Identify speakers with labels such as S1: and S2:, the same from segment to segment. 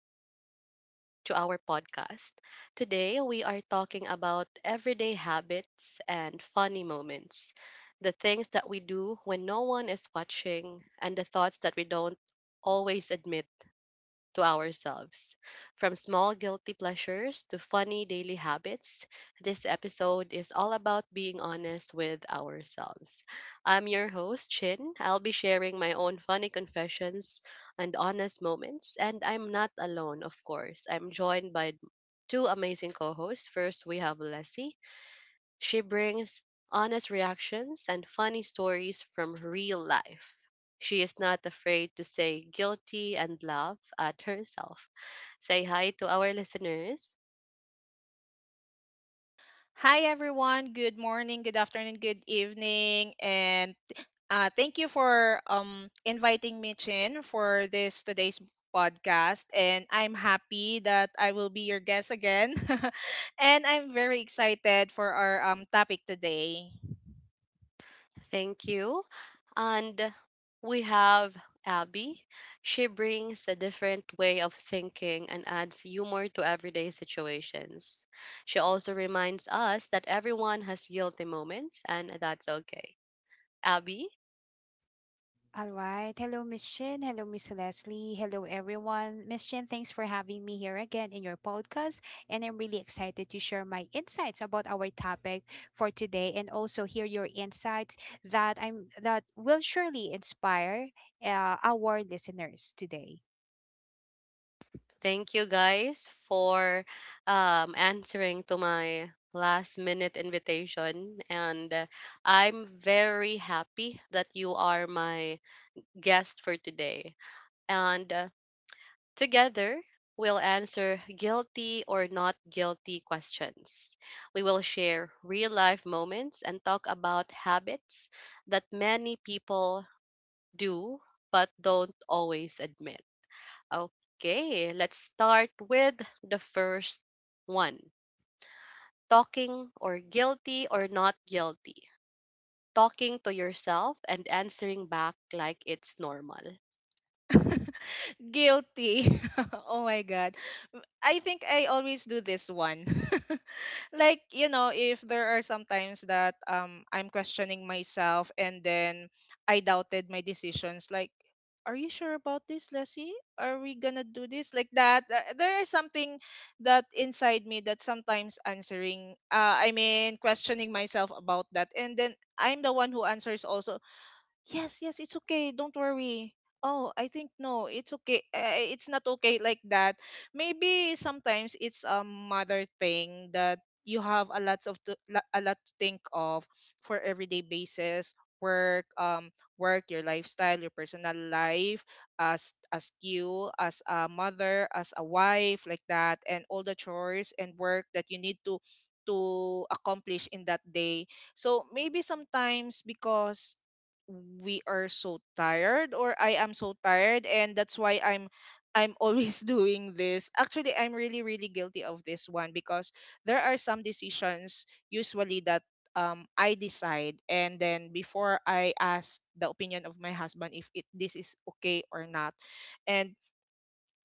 S1: and welcome back to our podcast. Today, we are talking about everyday habits and funny moments, the things that we do when no one is watching, and the thoughts that we don't always admit to ourselves. From small guilty pleasures to funny daily habits, this episode is all about being honest with ourselves. I'm your host, Chin. I'll be sharing my own funny confessions and honest moments, and I'm not alone, of course. I'm joined by two amazing co hosts. First, we have Leslie. She brings honest reactions and funny stories from real life. She is not afraid to say guilty and laugh at herself. Say hi to our listeners.
S2: Hi, everyone. Good morning, good afternoon, good evening. And thank you for inviting me, Chin, for this today's podcast. And I'm happy that I will be your guest again. And I'm very excited for our topic today.
S1: Thank you. And we have Abby. She brings a different way of thinking and adds humor to everyday situations. She also reminds us that everyone has guilty moments and that's okay. Abby?
S3: All right. Hello, Miss Chin. Hello, Miss Leslie. Hello, everyone. Miss Chin, thanks for having me here again in your podcast. And I'm really excited to share my insights about our topic for today and also hear your insights that will surely inspire our listeners today.
S1: Thank you guys for answering to my last minute invitation. And I'm very happy that you are my guest for today. And together, we'll answer guilty or not guilty questions. We will share real life moments and talk about habits that many people do but don't always admit. Okay, let's start with the first one talking or guilty or not guilty. Talking to yourself and answering back like it's normal.
S2: Guilty. Oh my god. I think I always do this one. Like, you know, if there are some times that I'm questioning myself, and then I doubted my decisions, like, are you sure about this, Leslie? Are we gonna do this like that? There is something that inside me, that sometimes answering, I mean, questioning myself about that, and then I'm the one who answers also. Yes, yes, it's okay. Don't worry. Oh, I think no, it's okay. It's not okay like that. Maybe sometimes it's a mother thing, that you have a lots of to, a lot to think of for everyday basis, work, um, work, your lifestyle, your personal life, as you, as a mother, as a wife, like that, and all the chores and work that you need to accomplish in that day. So maybe sometimes, because we are so tired, or I am so tired, and that's why I'm always doing this. Actually, I'm really really guilty of this one, because there are some decisions usually that I decide, and then before I ask the opinion of my husband if it this is okay or not. And,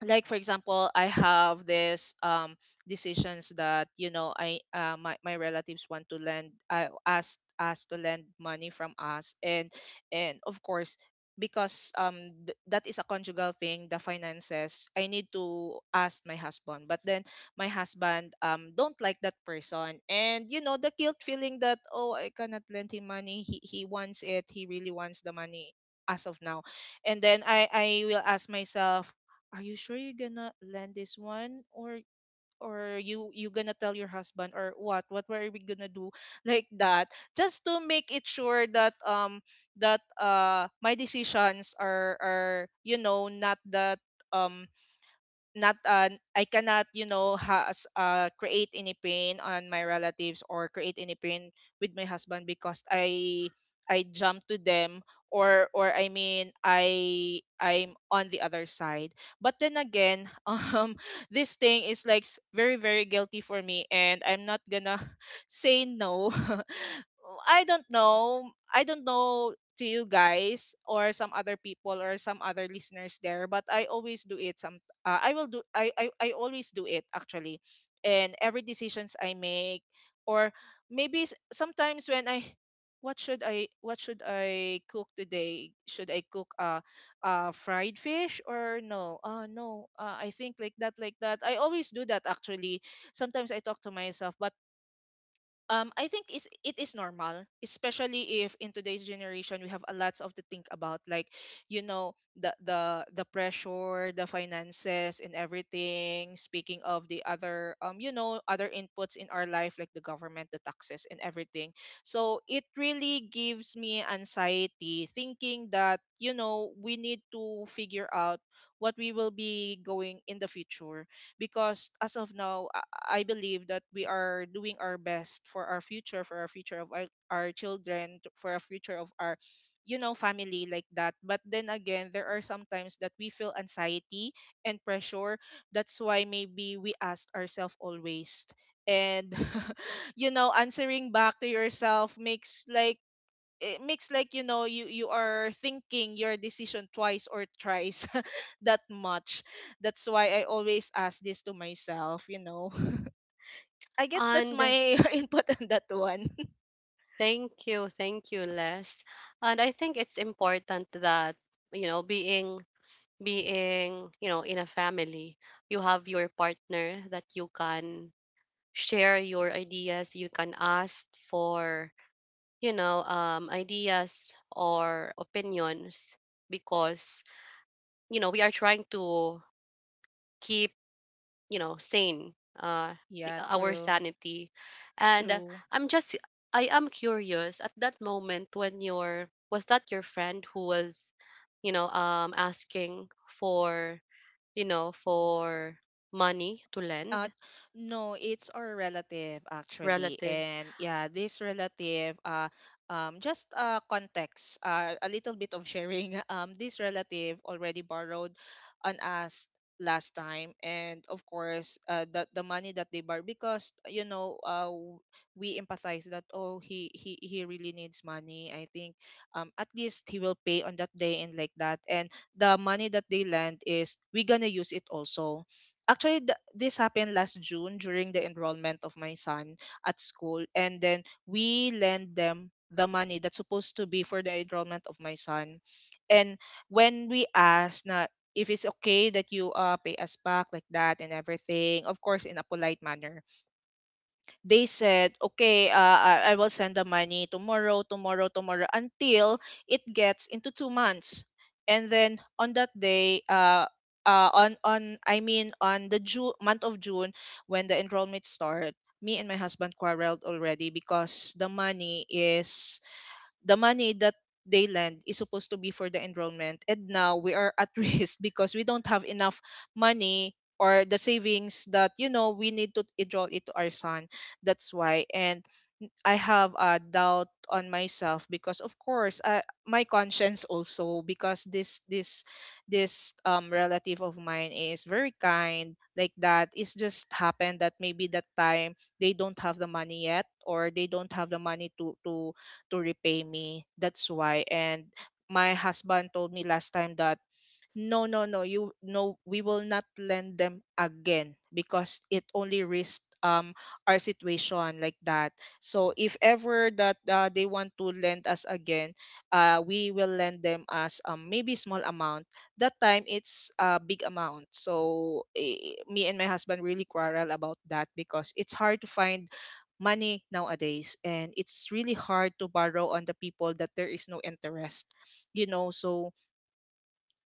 S2: like, for example, I have this decisions that, you know, I my relatives want to lend, I asked us to lend money from us. And of course, because that is a conjugal thing, the finances, I need to ask my husband. But then my husband don't like that person, and you know the guilt feeling, that oh, I cannot lend him money. He wants it, he really wants the money as of now. And then I will ask myself, are you sure you're gonna land this one? Or you gonna tell your husband? Or what were we gonna do, like that? Just to make it sure that that my decisions are you know, not that um not I cannot, you know, has create any pain on my relatives, or create any pain with my husband, because I jump to them. Or I mean, I'm on the other side. But then again, this thing is like very very guilty for me, and I'm not gonna say no. I don't know. I don't know, to you guys, or some other people, or some other listeners there, but I always do it. I will do, I always do it, actually. And every decisions I make. Or maybe sometimes when I, what should I, cook today? Should I cook fried fish? Or no, no, I think, like that, like that, I always do that, actually. Sometimes I talk to myself, but I think is it is normal, especially if in today's generation we have a lots of to think about. Like, you know, the pressure, the finances, and everything. Speaking of the other, you know, other inputs in our life, like the government, the taxes, and everything. So it really gives me anxiety, thinking that, you know, we need to figure out what we will be going in the future. Because as of now, I believe that we are doing our best for our future of our children, for our future of our, you know, family, like that. But then again, there are sometimes that we feel anxiety and pressure. That's why maybe we ask ourselves always. And you know, answering back to yourself makes like, it makes like, you know, you are thinking your decision twice or thrice, that much. That's why I always ask this to myself, you know. I guess that's
S1: And
S2: my input on that one.
S1: thank you, Les. And I think it's important that, you know, being being in a family you have your partner that you can share your ideas, you can ask for ideas or opinions because you know we are trying to keep you know sane uh,
S2: Yeah,
S1: our
S2: true.
S1: sanity and
S2: True.
S1: i'm just I am curious at that moment when your was that your friend who was asking for for money to lend
S2: Uh, no, it's our relative, actually.
S1: relatives.
S2: And yeah, this relative, just context, a little bit of sharing. This relative already borrowed on us last time. And of course, the money that they borrowed, because, you know, we empathize that, oh, he really needs money. I think, at least he will pay on that day, and like that. And the money that they lend is, we're going to use it also. Actually, this happened last June, during the enrollment of my son at school, and then we lend them the money that's supposed to be for the enrollment of my son. And when we asked na if it's okay that you pay us back like that and everything, of course in a polite manner, they said, okay, I will send the money tomorrow, tomorrow, tomorrow, until it gets into 2 months. And then on that day, on I mean, on the June month of June, when the enrollment start, me and my husband quarreled already. Because the money is, the money that they lend is supposed to be for the enrollment, and now we are at risk, because we don't have enough money, or the savings that, you know, we need to enroll it to our son. That's why. And I have a doubt on myself, because of course, my conscience also. Because this relative of mine is very kind, like that. It's just happened that maybe that time they don't have the money yet, or they don't have the money to repay me. That's why. And my husband told me last time that, no, no, no, you no, we will not lend them again, because it only risks our situation, like that. So if ever that, they want to lend us again, we will lend them as, maybe, small amount. That time it's a big amount, so me and my husband really quarrel about that, because it's hard to find money nowadays, and it's really hard to borrow on the people that there is no interest, you know. So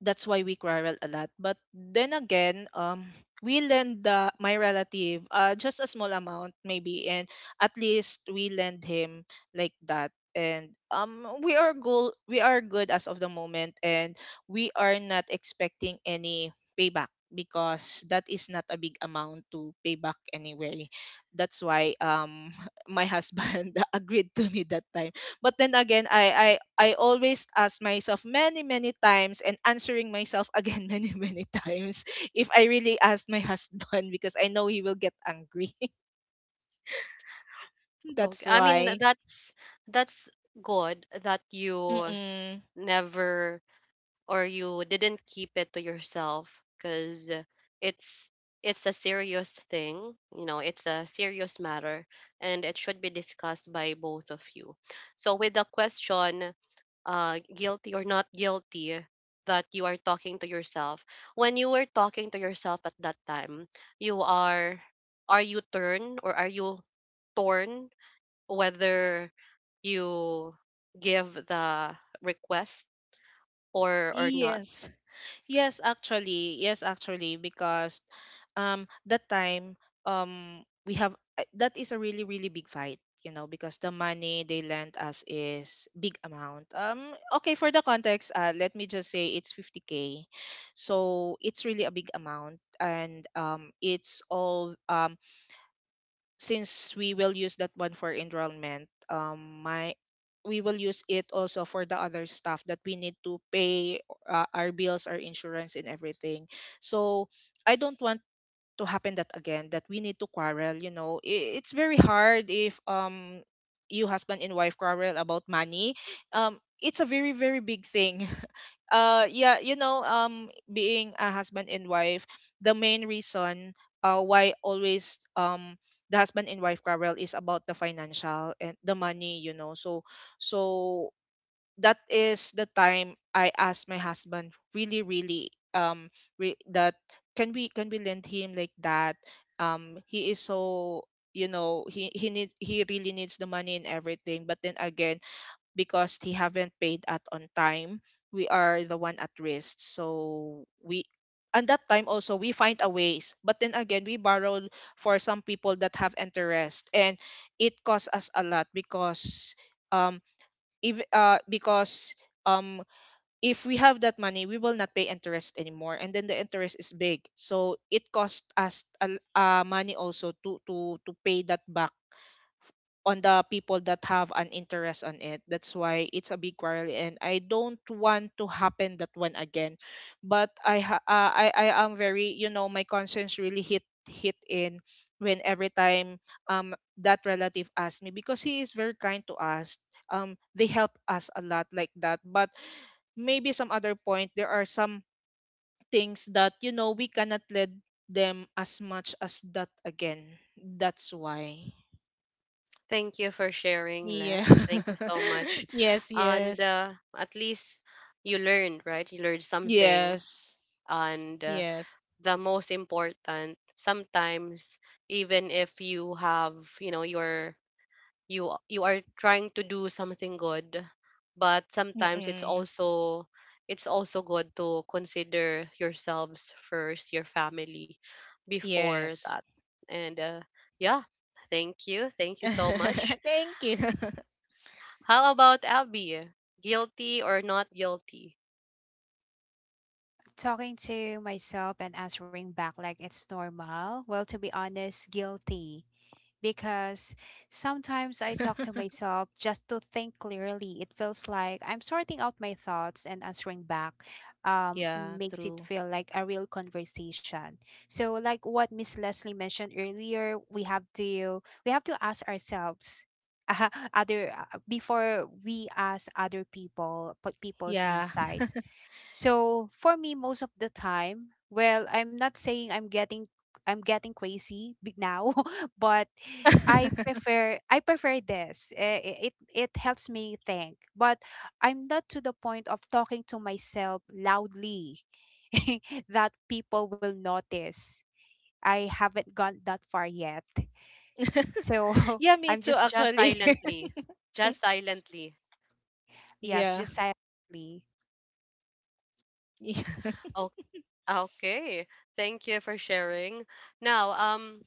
S2: that's why we quarrel a lot. But then again, we lend my relative, just a small amount, maybe, and at least we lend him, like that. And we are good. We are good as of the moment, and we are not expecting any payback, because that is not a big amount to pay back anyway. That's why my husband agreed to me that time. But then again, I always ask myself many many times, and answering myself again many many times, if I really ask my husband, because I know he will get angry. That's
S1: Okay, I mean
S2: why.
S1: that's good that you
S2: Mm-mm.
S1: never or you didn't keep it to yourself because it's it's a serious thing, you know, it's a serious matter and it should be discussed by both of you. So with the question, uh, guilty or not guilty, that you are talking to yourself, when you were talking to yourself at that time you are you turned or are you torn whether you give the request or not?
S2: Yes. Yes, actually. Yes, actually, because that time, we have, that is a really really big fight, you know, because the money they lent us is big amount. Okay, for the context, let me just say it's 50K. So, it's really a big amount, and it's all. Since we will use that one for enrollment, my we will use it also for the other stuff that we need to pay, our bills, our insurance, and everything. So I don't want to happen that again, that we need to quarrel, you know. I It's very hard if you, husband and wife, quarrel about money. um it's a very very big thing. Yeah, you know, being a husband and wife, the main reason why always, the husband and wife quarrel, is about the financial and the money, you know. So so that is the time I asked my husband, really really, that, can we, lend him, like that. He is so, you know, he really needs the money and everything. But then again, because he haven't paid at on time, we are the one at risk. So we and that time also, we find a ways. But then again, we borrowed for some people that have interest, and it cost us a lot, because um if because um if we have that money, we will not pay interest anymore. And then the interest is big, so it cost us a money also, to pay that back on the people that have an interest on it. That's why it's a big quarrel, and I don't want to happen that one again. But I am very, my conscience really hit in, when every time, um that relative asked me, because he is very kind to us. They help us a lot, like that. But maybe some other point there are some things that, we cannot let them as much as that again. That's why.
S1: Thank you for sharing,
S2: Yeah.
S1: Les. Thank you so much.
S2: Yes,
S1: And
S2: yes.
S1: at least you learned, right? You learned something.
S2: Yes.
S1: And
S2: Yes.
S1: the most important, sometimes even if you have, you know, you you are trying to do something good, but sometimes
S2: Mm-mm.
S1: it's also good to consider yourselves first, your family, before
S2: Yes.
S1: that. And yeah, thank you so much.
S2: Thank you.
S1: How about Abby? Guilty or not guilty?
S3: Talking to myself and answering back like it's normal. Well, to be honest, guilty, because sometimes I talk to myself just to think clearly. It feels like I'm sorting out my thoughts, and answering back
S2: Yeah,
S3: makes it
S2: true.
S3: feel like a real conversation. So, like what Miss Leslie mentioned earlier, we have to ask ourselves. Other, before we ask other people, put people's
S2: Yeah.
S3: insights. So for me, most of the time, well, I'm not saying I'm getting crazy now, but I prefer I prefer this. It it helps me think, but I'm not to the point of talking to myself loudly that people will notice. I haven't gone that far yet, so
S2: Yeah, me
S3: I'm
S2: too,
S3: just
S1: Just
S2: actually.
S1: silently. Just silently.
S3: yes,
S2: Yeah.
S3: just silently.
S2: Yeah.
S1: O- Okay. Thank you for sharing. Now,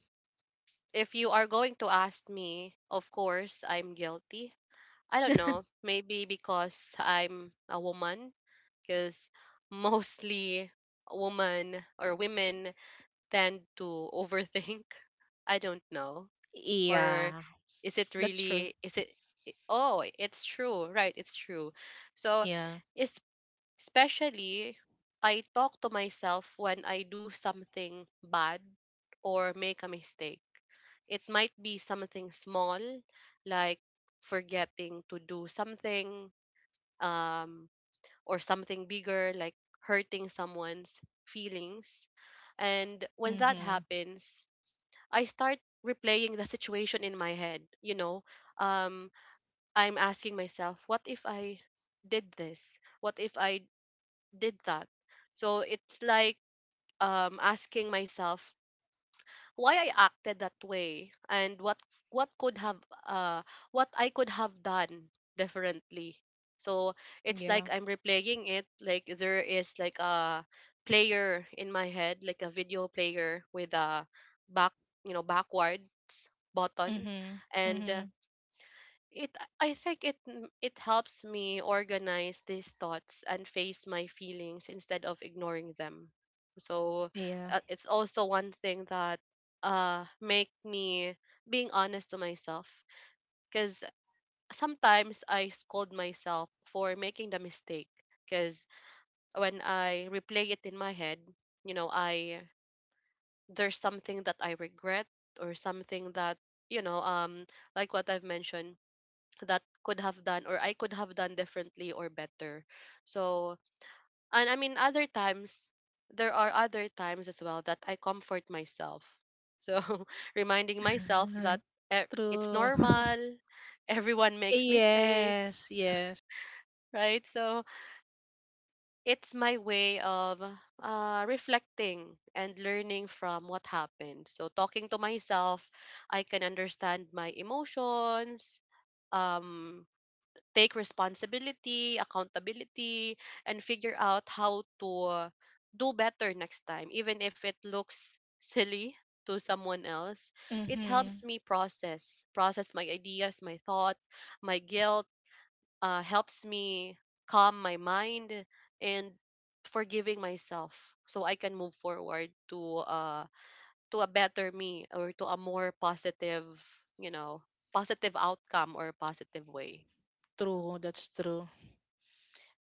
S1: if you are going to ask me, of course, I'm guilty. I don't know. Maybe because I'm a woman, because mostly women tend to overthink. I don't know. Or
S2: Yeah.
S1: is it
S2: That's true.
S1: really, is it oh, it's true, right? It's true. So
S2: Yeah.
S1: es- especially I talk to myself when I do something bad or make a mistake. It might be something small like forgetting to do something, um or something bigger like hurting someone's feelings. And when that
S2: Mm-hmm.
S1: happens, I start replaying the situation in my head. You know, um, I'm asking myself, what if I did this? What if I did that? So it's like asking myself, why I acted that way and what could have what I could have done differently. So it's like
S2: Yeah.
S1: I'm replaying it like there is like a player in my head, like a video player with a back, you know, backwards button.
S2: Mm-hmm.
S1: and uh,
S2: Mm-hmm.
S1: it I think it helps me organize these thoughts and face my feelings instead of ignoring them. So
S2: Yeah.
S1: it's also one thing that make me being honest to myself because sometimes I scold myself for making the mistake, because when I replay it in my head, you know, I there's something that I regret or something that you know um like what I've mentioned that could have done or I could have done differently or better. So, and I mean, other times, there are other times as well that I comfort myself. So, reminding myself that it's
S2: True.
S1: normal, everyone makes mistakes,
S2: Yes, yes.
S1: right? So, it's my way of reflecting and learning from what happened. So, talking to myself, I can understand my emotions. Um, take responsibility, accountability, and figure out how to do better next time, even if it looks silly to someone else. It
S2: Mm-hmm.
S1: helps me process my ideas, my thought, my guilt, helps me calm my mind and forgiving myself so I can move forward to a better me or to a more positive, you know, positive outcome or positive way.
S2: True, that's true.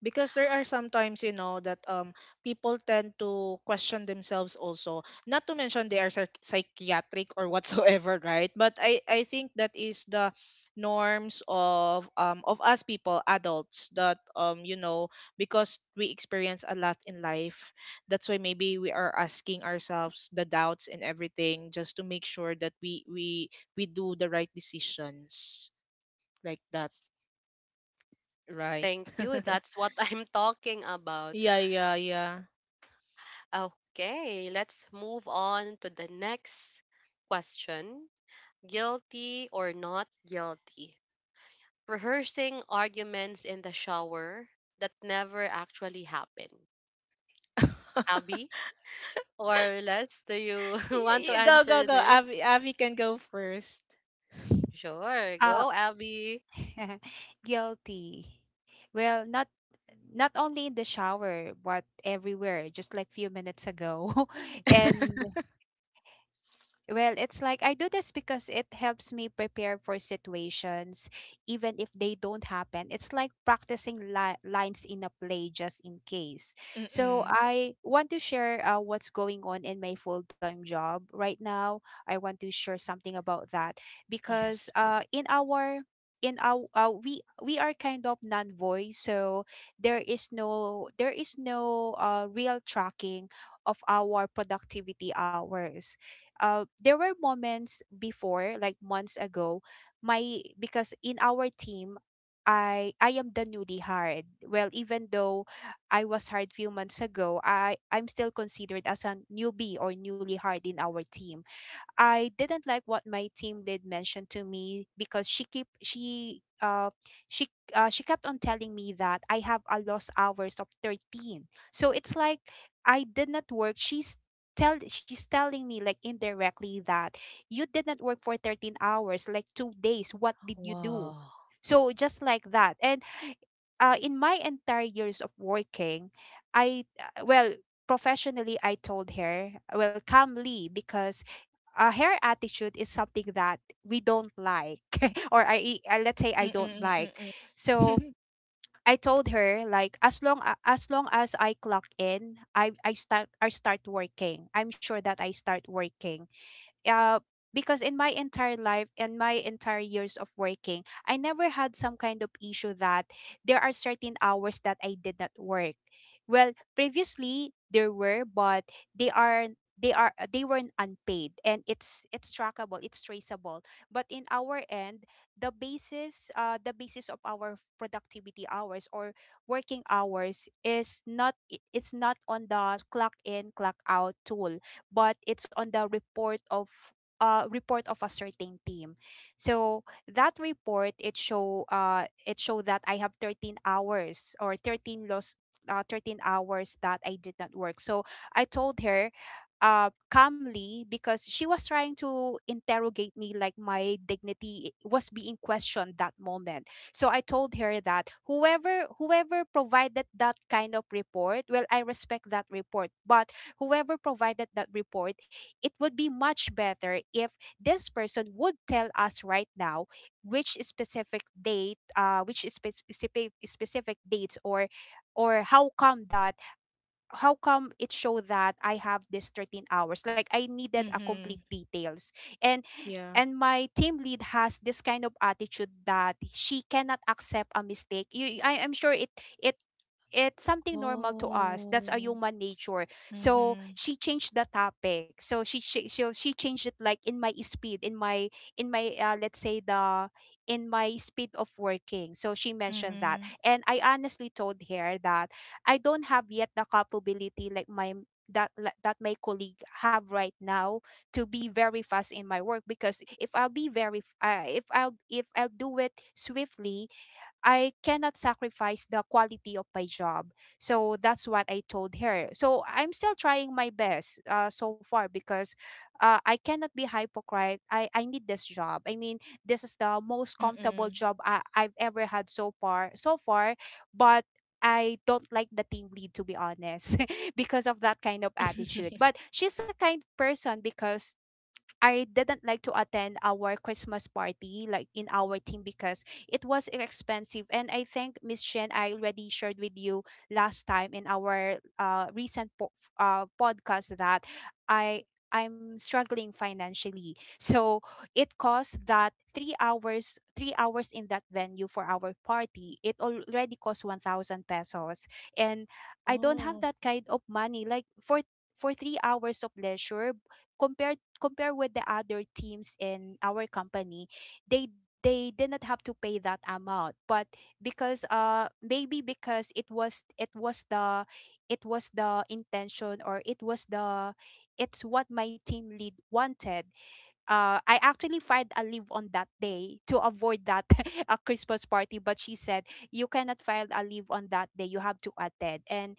S2: Because there are sometimes, that people tend to question themselves also. Not to mention they are psychiatric or whatsoever, right? But I think that is the norms of, of us people, adults, that, because we experience a lot in life, that's why maybe we are asking ourselves the doubts and everything, just to make sure that we do the right decisions, like that, right?
S1: Thank you. That's what I'm talking about.
S2: Yeah, yeah, yeah.
S1: Okay, let's move on to the next question. Guilty or not guilty? Rehearsing arguments in the shower that never actually happened. Abby or Les, do you want to
S2: Go, go,
S1: answer
S2: go.
S1: this?
S2: Avi can go first.
S1: Sure,
S3: Uh,
S1: go Abby.
S3: Guilty. Well, not not only in the shower, but everywhere, just like few minutes ago. And well, it's like I do this because it helps me prepare for situations, even if they don't happen. It's like practicing lines in a play just in case. So,
S2: Mm-mm.
S3: I want to share what's going on in my full time job right now. I want to share something about that because
S2: Yes.
S3: in our we are kind of non voice, so there is no real tracking of our productivity hours. There were moments before, like months ago, my because in our team, I am the newly hired. Well, even though I was hired few months ago, I'm still considered as a newbie or newly hired in our team. I didn't like what my team did mention to me because she she kept on telling me that I have a lost hours of 13. So it's like I did not work. She's telling me like indirectly that you did not work for 13 hours, like 2 days. What did you do?
S2: Wow.
S3: So just like that. And in my entire years of working, I well, professionally I told her, well, calmly, because her attitude is something that we don't like or let's say I don't like.
S2: Mm-mm-mm-mm.
S3: So I told her, like, as long as long as I clock in, I start I start working. I'm sure that I start working, uh, because in my entire life, in my entire years of working, I never had some kind of issue that there are certain hours that I did not work. Well, previously there were, but they weren't unpaid, and it's trackable, it's traceable. But in our end, the basis of our productivity hours or working hours is not it's not on the clock in clock out tool, but it's on the report of a certain team. So that report it show that I have 13 hours, or 13 hours that I did not work. So I told her calmly, because she was trying to interrogate me, like my dignity was being questioned that moment. So I told her that whoever provided that kind of report, well, I respect that report, but whoever provided that report, it would be much better if this person would tell us right now which specific date, which specific dates, or how come that, how come it showed that I have this 13 hours, like I needed a
S2: Mm-hmm.
S3: complete details. And
S2: Yeah.
S3: my team lead has this kind of attitude that she cannot accept a mistake, you, I am sure it it's something normal to us. That's a
S2: Oh.
S3: human nature. So
S2: Mm-hmm.
S3: she changed the topic. So she changed it, like in my speed, in my let's say the in my speed of working. So she mentioned that,
S2: Mm-hmm.
S3: and I honestly told her that I don't have yet the capability like my that my colleague have right now, to be very fast in my work, because if I'll be very if I'll do it swiftly, I cannot sacrifice the quality of my job. So that's what I told her. So I'm still trying my best so far, because I cannot be hypocrite. I need this job. I mean, this is the most comfortable
S2: Mm-mm.
S3: job I've ever had so far. So far, but I don't like the team lead, to be honest, because of that kind of attitude. But she's a kind person, because I didn't like to attend our Christmas party, like in our team, because it was expensive. And I think Miss Chen, I already shared with you last time in our recent podcast that I I'm struggling financially. So it cost that 3 hours in that venue for our party. It already cost 1,000 pesos. And I don't have
S2: Oh.
S3: that kind of money. Like for 3 hours of leisure, compare with the other teams in our company, they they did not have to pay that amount. But because maybe because it was the intention, or it was the it's what my team lead wanted, I actually filed a leave on that day to avoid that a Christmas party. But she said, you cannot file a leave on that day, you have to attend. And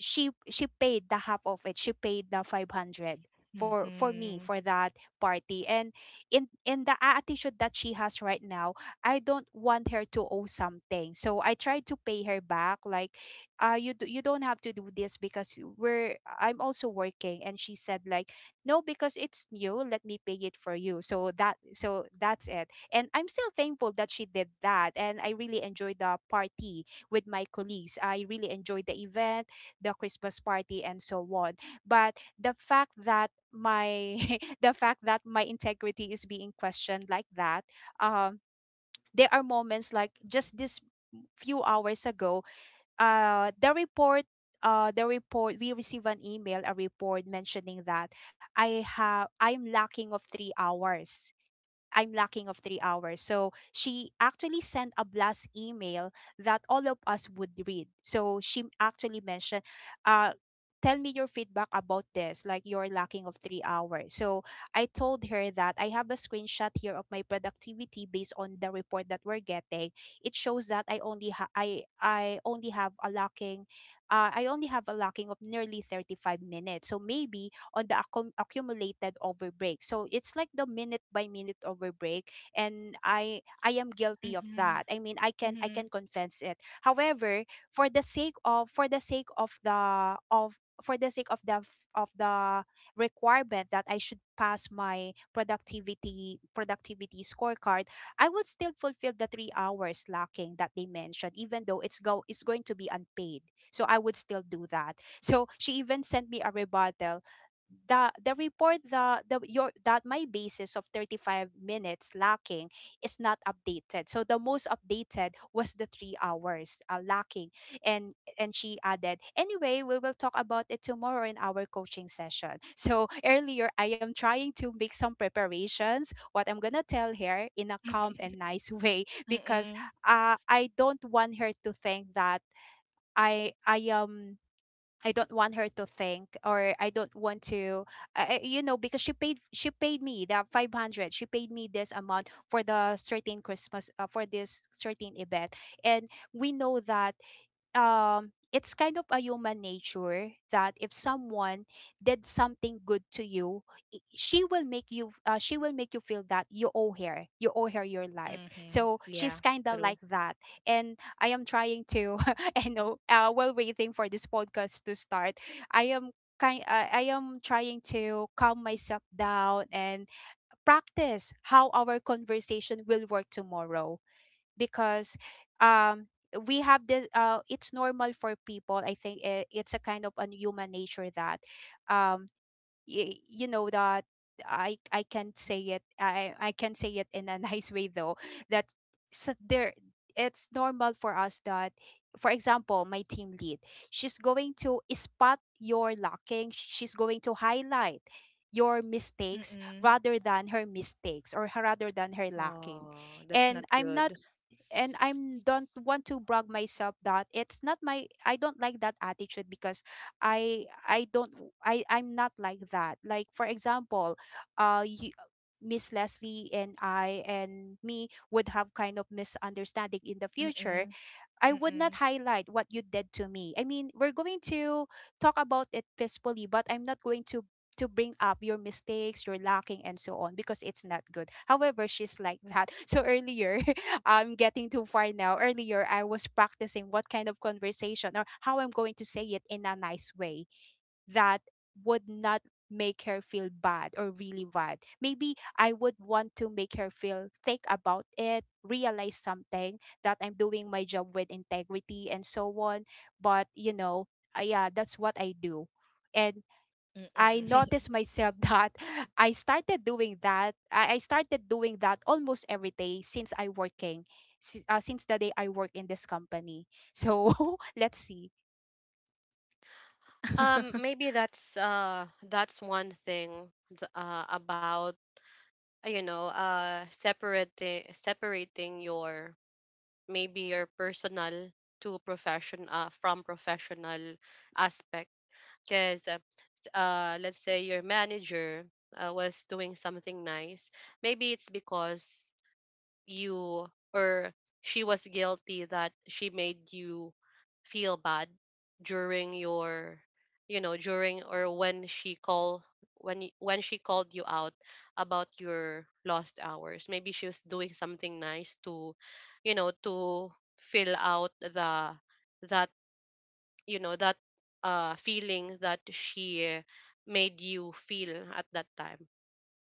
S3: she paid the half of it. She paid the 500 for me
S2: Mm-hmm.
S3: for that party. And in the attitude that she has right now, I don't want her to owe something. So I tried to pay her back, like, you do, you don't have to do this because we're I'm also working. And she said like, no, because it's new, let me pay it for you. So that's it. And I'm still thankful that she did that, and I really enjoyed the party with my colleagues. I really enjoyed the event, the Christmas party, and so on. But the fact that my the fact that my integrity is being questioned like that, um, there are moments like just this few hours ago, uh, the report. The report, we receive an email, a report mentioning that I'm lacking of 3 hours, I'm lacking of 3 hours. So she actually sent a blast email that all of us would read. So she actually mentioned, uh, tell me your feedback about this, like you're lacking of 3 hours. So I told her that I have a screenshot here of my productivity based on the report that we're getting. It shows that I I only have a lacking, I only have a lacking of nearly 35 minutes. So maybe on the accumulated overbreak. So it's like the minute by minute overbreak, and I am guilty of
S2: Mm-hmm.
S3: that. I mean, I
S2: Mm-hmm.
S3: can confess it. However, for the sake of for the sake of the of for the sake of the requirement that I should pass my productivity scorecard, I would still fulfill the 3 hours lacking that they mentioned, even though it's going to be unpaid. So I would still do that. So she even sent me a rebuttal. The report, the your that my basis of 35 minutes lacking is not updated, so the most updated was the 3 hours lacking. And she added, anyway, we will talk about it tomorrow in our coaching session. So earlier I am trying to make some preparations, what I'm gonna tell her in a calm and nice way. Because
S2: Mm-mm.
S3: I don't want her to think that I am I don't want her to think, or I don't want to, I, because she paid me the 500, she paid me this amount for the certain Christmas, for this certain event. And we know that it's kind of a human nature that if someone did something good to you, she will make you she will make you feel that you owe her, you owe her your life.
S2: Mm-hmm.
S3: So
S2: Yeah.
S3: she's kind of
S2: True.
S3: like that. And I am trying to I know, while waiting for this podcast to start, I am kind I am trying to calm myself down and practice how our conversation will work tomorrow. Because um we have this it's normal for people, I think it's a kind of a human nature that, um you know that I can say it in a nice way though, that, so there, it's normal for us that, for example, my team lead, she's going to spot your lacking, she's going to highlight your mistakes
S2: Mm-mm.
S3: rather than her mistakes, or rather than her lacking.
S2: Oh, that's
S3: And
S2: not
S3: I'm not,
S2: good.
S3: and I'm don't want to brag myself that it's not my, I don't like that attitude. Because I don't I I'm not like that. Like for example, you, Miss Leslie and I, and me would have kind of misunderstanding in the future,
S2: Mm-mm.
S3: I would not
S2: Mm-mm.
S3: highlight what you did to me. I mean, we're going to talk about it peacefully, but I'm not going to bring up your mistakes, your lacking, and so on, because it's not good. However, she's like that. So earlier, I'm getting too far now. Earlier, I was practicing what kind of conversation or how I'm going to say it in a nice way that would not make her feel bad or really bad. Maybe I would want to make her feel, think about it, realize something, that I'm doing my job with integrity and so on. But you know, yeah, that's what I do. And I
S2: Mm-mm.
S3: noticed myself that I started doing that. I started doing that almost every day since I working, since the day I work in this company. So let's see.
S1: Maybe that's that's one thing about you know, separating, separating your maybe your personal to profession, from professional aspect, because let's say your manager, was doing something nice. Maybe it's because you or she was guilty that she made you feel bad during your, you know, during or when she call, when when she called you out about your lost hours, maybe she was doing something nice to, you know, to fill out the, that, you know, that feeling that she made you feel at that time.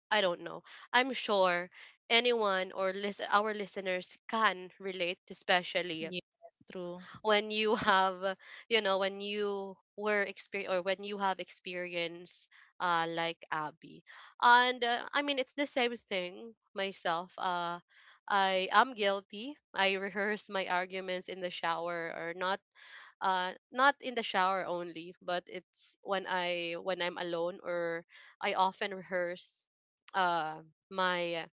S1: I don't know. I'm sure anyone or our listeners can relate, especially
S2: Yeah, that's true.
S1: when you have, you know, when you were experience or when you have experience, like Abby. And I mean, it's the same thing myself. I am guilty. I rehearse my arguments in the shower or not, not in the shower only, but it's when I'm alone, or I often rehearse uh my,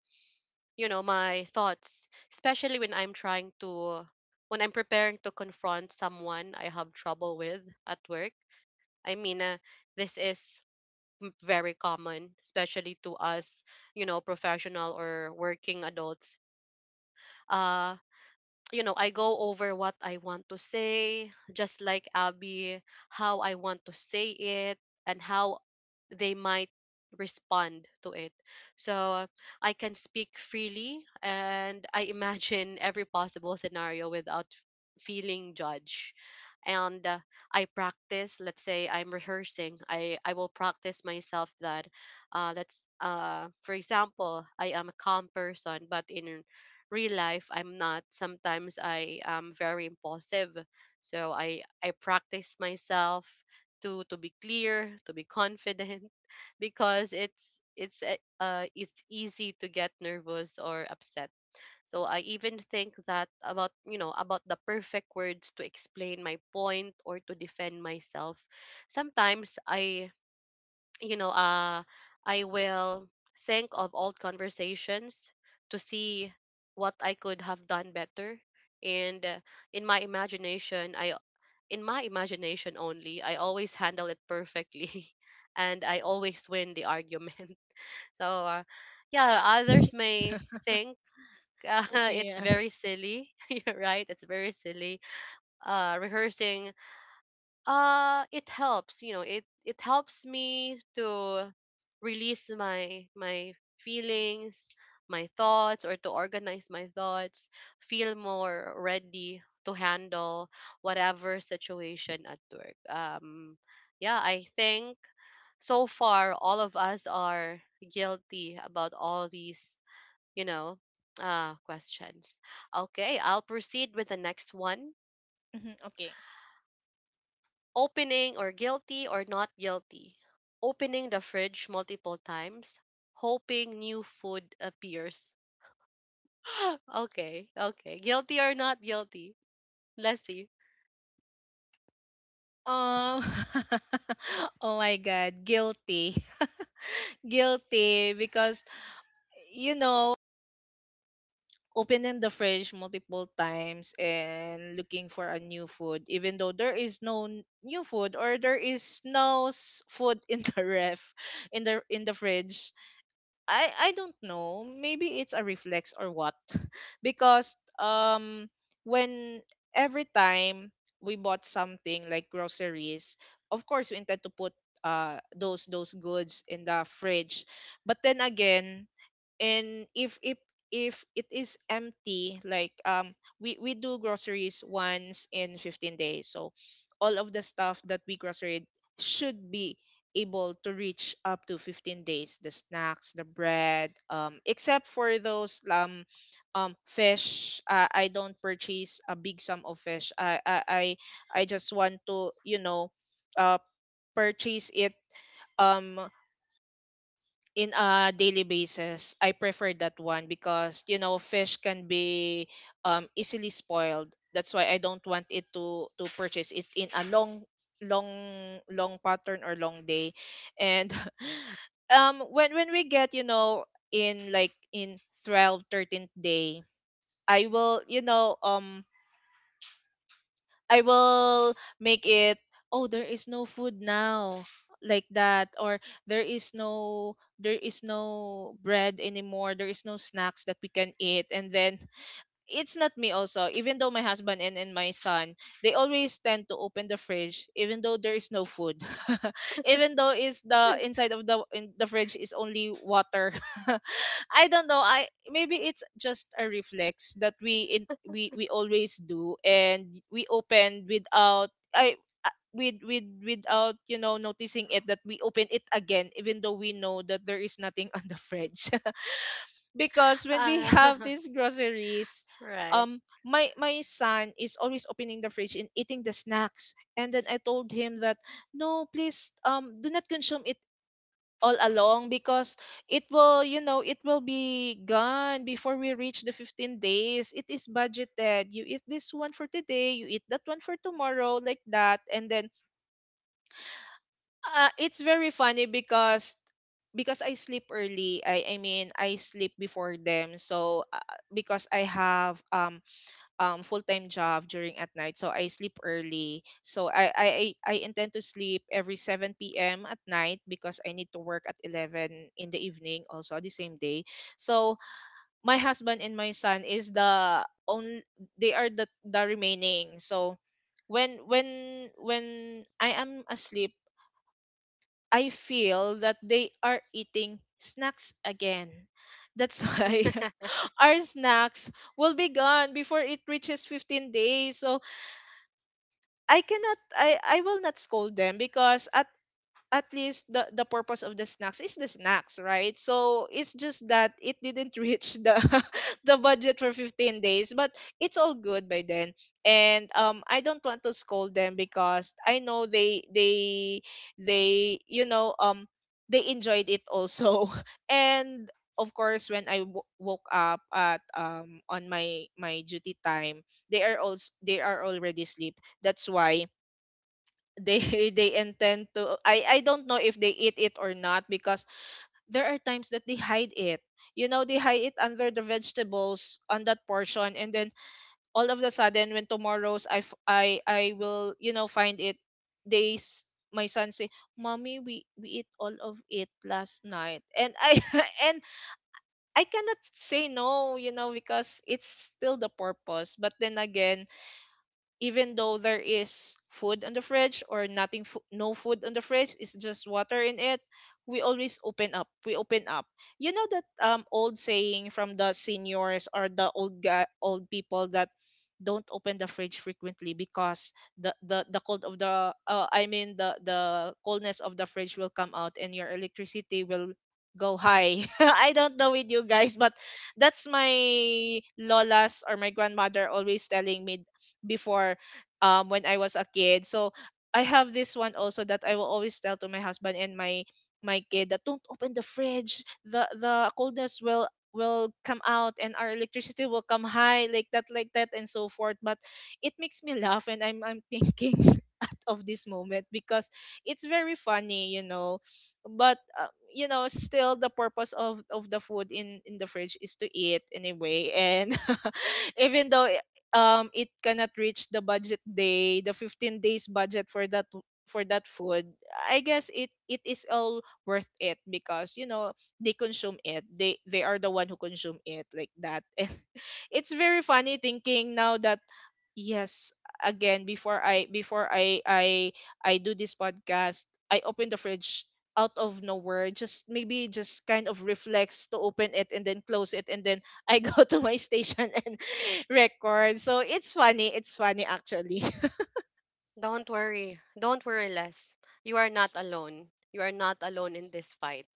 S1: you know, my thoughts, especially when I'm trying to, when I'm preparing to confront someone I have trouble with at work. I mean, this is very common, especially to us, you know, professional or working adults. Uh, you know, I go over what I want to say, just like Abby, how I want to say it and how they might respond to it. So I can speak freely and I imagine every possible scenario without feeling judged. And I practice, let's say I'm rehearsing, I will practice myself that, for example, I am a calm person, but in real life I'm not. Sometimes I am very impulsive, so I practice myself to be clear, to be confident because it's it's easy to get nervous or upset. So I even think that about, you know, about the perfect words to explain my point or to defend myself. Sometimes I you know, I will think of old conversations to see what I could have done better. And in my imagination, I in my imagination only, I always handle it perfectly, and I always win the argument. So, yeah, others may think uh, it's
S2: Yeah.
S1: very silly, you're right? It's very silly. Rehearsing, it helps, you know, it helps me to release my feelings, my thoughts, or to organize my thoughts, feel more ready to handle whatever situation at work. Yeah, I think so far all of us are guilty about all these, you know, questions. Okay, I'll proceed with the next one.
S2: Mhm. Okay.
S1: Opening or guilty or not guilty. Opening the fridge multiple times, hoping new food appears. okay, okay. Guilty or not guilty. Let Leslie.
S2: Um. Oh my God, guilty. Guilty because, you know opening the fridge multiple times and looking for a new food, even though there is no new food, or there is no food in the ref in the fridge. I don't know. Maybe it's a reflex or what. Because when every time we bought something like groceries, of course we intend to put those goods in the fridge. But then again, and if it is empty, like, we do groceries once in 15 days, so all of the stuff that we grocery should be able to reach up to 15 days, the snacks, the bread, except for those, fish. I don't purchase a big sum of fish. I just want to, uh purchase it, um in a daily basis. I prefer that one because, fish can be, easily spoiled. That's why I don't want it to purchase it in a long, long, long pattern or long day. And when we get, in, like, in 12, 13th day, I will you know um I will make it, oh, there is no food now, like that, or there is no bread anymore, there is no snacks that we can eat, and then it's not me also, even though my husband and my son, they always tend to open the fridge even though there is no food. Even though is the inside of the fridge is only water. I don't know, I maybe it's just a reflex that we always do, and we open without, I with without, noticing it, that we open it again, even though we know that there is nothing on the fridge. Because when we
S1: Ah,
S2: have these groceries,
S1: right.
S2: my son is always opening the fridge and eating the snacks, and then I told him that, no, please, do not consume it all along, because it will be gone before we reach the 15 days. It is budgeted: you eat this one for today, you eat that one for tomorrow, like that. And then, it's very funny, because I sleep early. I mean I sleep before them. So, because I have, full time job during at night, so I sleep early. So I intend to sleep every 7 p.m. at night, because I need to work at 11 in the evening, also the same day. So my husband and my son is the only, they are the remaining. So when I am asleep, I feel that they are eating snacks again. That's why our snacks will be gone before it reaches 15 days. So I cannot I I will not scold them, because at least the purpose of the snacks is the snacks, right? So it's just that it didn't reach the the budget for 15 days, but it's all good by then. And I don't want to scold them, because I know they, they enjoyed it also. And of course, when I woke up at, on my duty time, they are also, they are already asleep. That's why they they intend to, I don't know if they eat it or not, because there are times that they hide it. You know, they hide it under the vegetables on that portion, and then all of a sudden, when tomorrow's, I f- I will, find it, they s- my son say, "Mommy, we eat all of it last night." And I and I cannot say no, because it's still the purpose. But then again, even though there is food on the fridge or nothing fo- no food on the fridge, it's just water in it, we always open up. You know that, old saying from the seniors or the old people, that don't open the fridge frequently, because the cold of the, I mean the coldness of the fridge will come out, and your electricity will go high. I don't know with you guys, but that's my lolas or my grandmother always telling me before, when I was a kid. So I have this one also, that I will always tell to my husband and my kid, that don't open the fridge. The coldness will come out, and our electricity will come high, like that, like that, and so forth, but it makes me laugh, and I'm thinking out of this moment because it's very funny. But, still, the purpose of the food in the fridge is to eat anyway. And even though, it cannot reach the budget day, the 15 days budget for that, food. I guess it is all worth it, because, they consume it, they are the one who consume it, like that. And it's very funny thinking now that. Yes, again, before I, before I do this podcast, I open the fridge out of nowhere. Just maybe, just kind of reflex to open it and then close it, and then I go to my station and record. So it's funny. It's funny, actually.
S1: Don't worry. Don't worry, Les. You are not alone. You are not alone in this fight.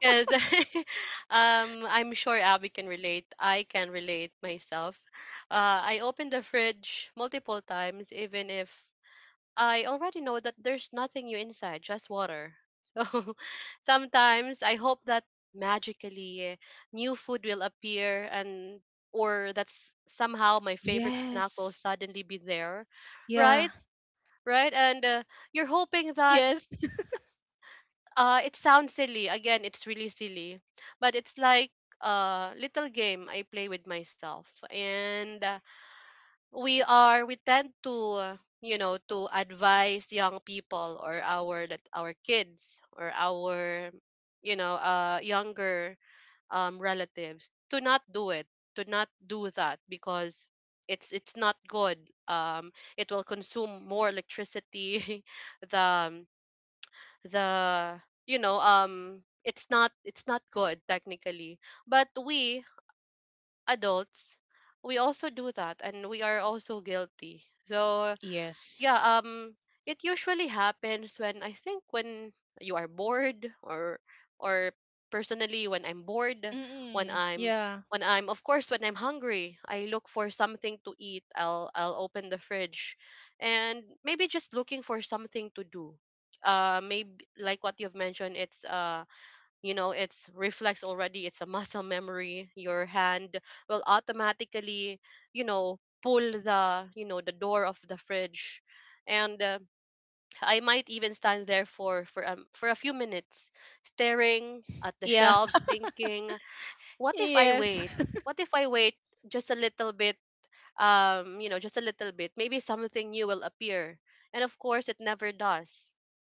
S1: Because I'm sure Abby can relate. I can relate myself. I opened the fridge multiple times, even if I already know that there's nothing new inside, just water. So sometimes I hope that magically new food will appear and or that somehow my favorite snack will
S2: Yes.
S1: suddenly be there.
S2: Yeah.
S1: Right? Right? And you're hoping that
S2: Yes.
S1: it sounds silly. Again, it's really silly. But it's like a little game I play with myself. And we are we tend to you know, to advise young people or our, that our kids or our, you know, younger relatives to not do it, to not do that because it's not good, it will consume more electricity, the the, you know, it's not, it's not good technically, but we adults, we also do that and we are also guilty. So
S2: Yes.
S1: yeah, it usually happens when I think when you are bored or personally when I'm bored, when
S2: Mm-mm.
S1: I'm
S2: Yeah.
S1: when I'm of course when I'm hungry, I look for something to eat. I'll open the fridge and maybe just looking for something to do. Maybe like what you've mentioned, it's it's reflex already. It's a muscle memory. Your hand will automatically pull the the door of the fridge, and I might even stand there for for a few minutes staring at the
S2: Yeah.
S1: shelves thinking what if I
S2: Yes.
S1: wait, what if I wait just a little bit, you know, just a little bit, maybe something new will appear. And of course, it never does.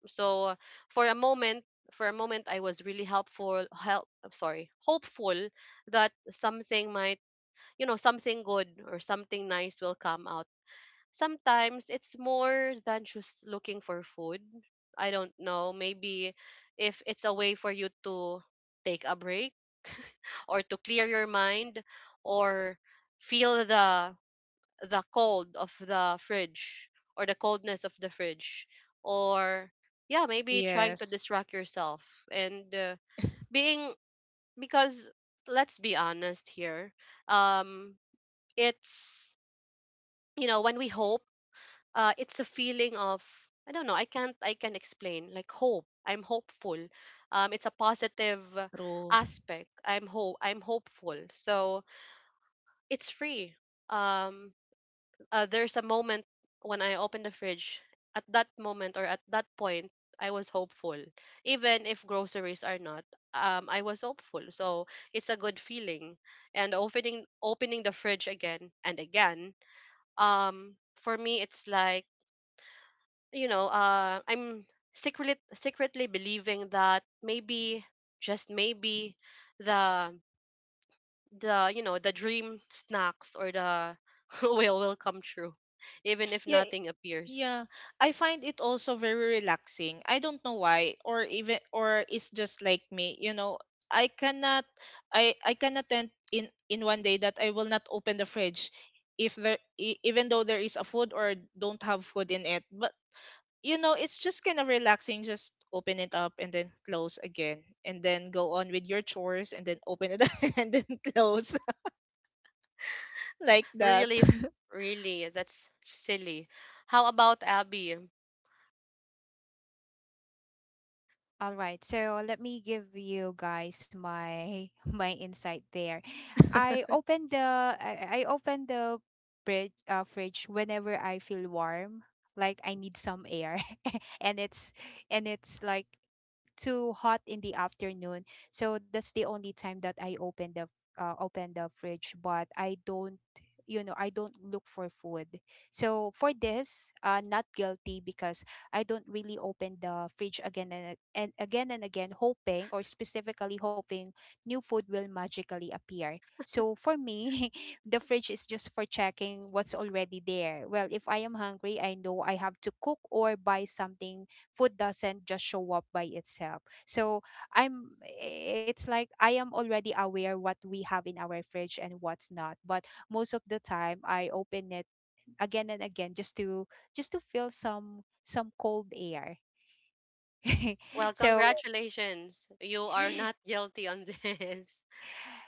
S1: So for a moment, for a moment, I was really helpful, help, I'm sorry, hopeful that something might, you know, something good or something nice will come out. Sometimes it's more than just looking for food. I don't know. Maybe if it's a way for you to take a break or to clear your mind or feel the cold of the fridge or the coldness of the fridge or yeah, maybe trying to
S2: Yes.
S1: distract yourself, and being, because let's be honest here. um it's, you know, when we hope, it's a feeling of, I don't know, I can't I can explain like hope, I'm hopeful. It's a positive
S2: True.
S1: aspect. I'm hopeful, so it's free. um there's a moment when I opened the fridge. At that moment or at that point, I was hopeful. Even if groceries are not, I was hopeful. So it's a good feeling. And opening the fridge again and again, for me, it's like, I'm secretly believing that maybe, just maybe, the the the dream snacks or the will come true, even if
S2: Yeah.
S1: nothing appears.
S2: Yeah, I find it also very relaxing. I don't know why, or even, or it's just like me, I cannot I cannot tend in one day that I will not open the fridge if even though there is a food or don't have food in it. But, it's just kind of relaxing, just open it up and then close again, and then go on with your chores, and then open it and then close like that.
S1: really f- Really, that's silly. How about Abby?
S3: All right. So let me give you guys my my insight there. I open the I, I open the fridge fridge whenever I feel warm, like I need some air, and it's and it's like too hot in the afternoon. So that's the only time that I open the fridge, but I don't, you know, I don't look for food. So for this, not guilty, because I don't really open the fridge again and, again and again, hoping, or specifically hoping new food will magically appear. So for me, the fridge is just for checking what's already there. Well, if I am hungry, I know I have to cook or buy something. Food doesn't just show up by itself. So I'm, it's like I am already aware what we have in our fridge and what's not. But most of the time I open it again and again just to feel some cold air.
S1: Well,
S3: So
S1: congratulations, you are not guilty on this.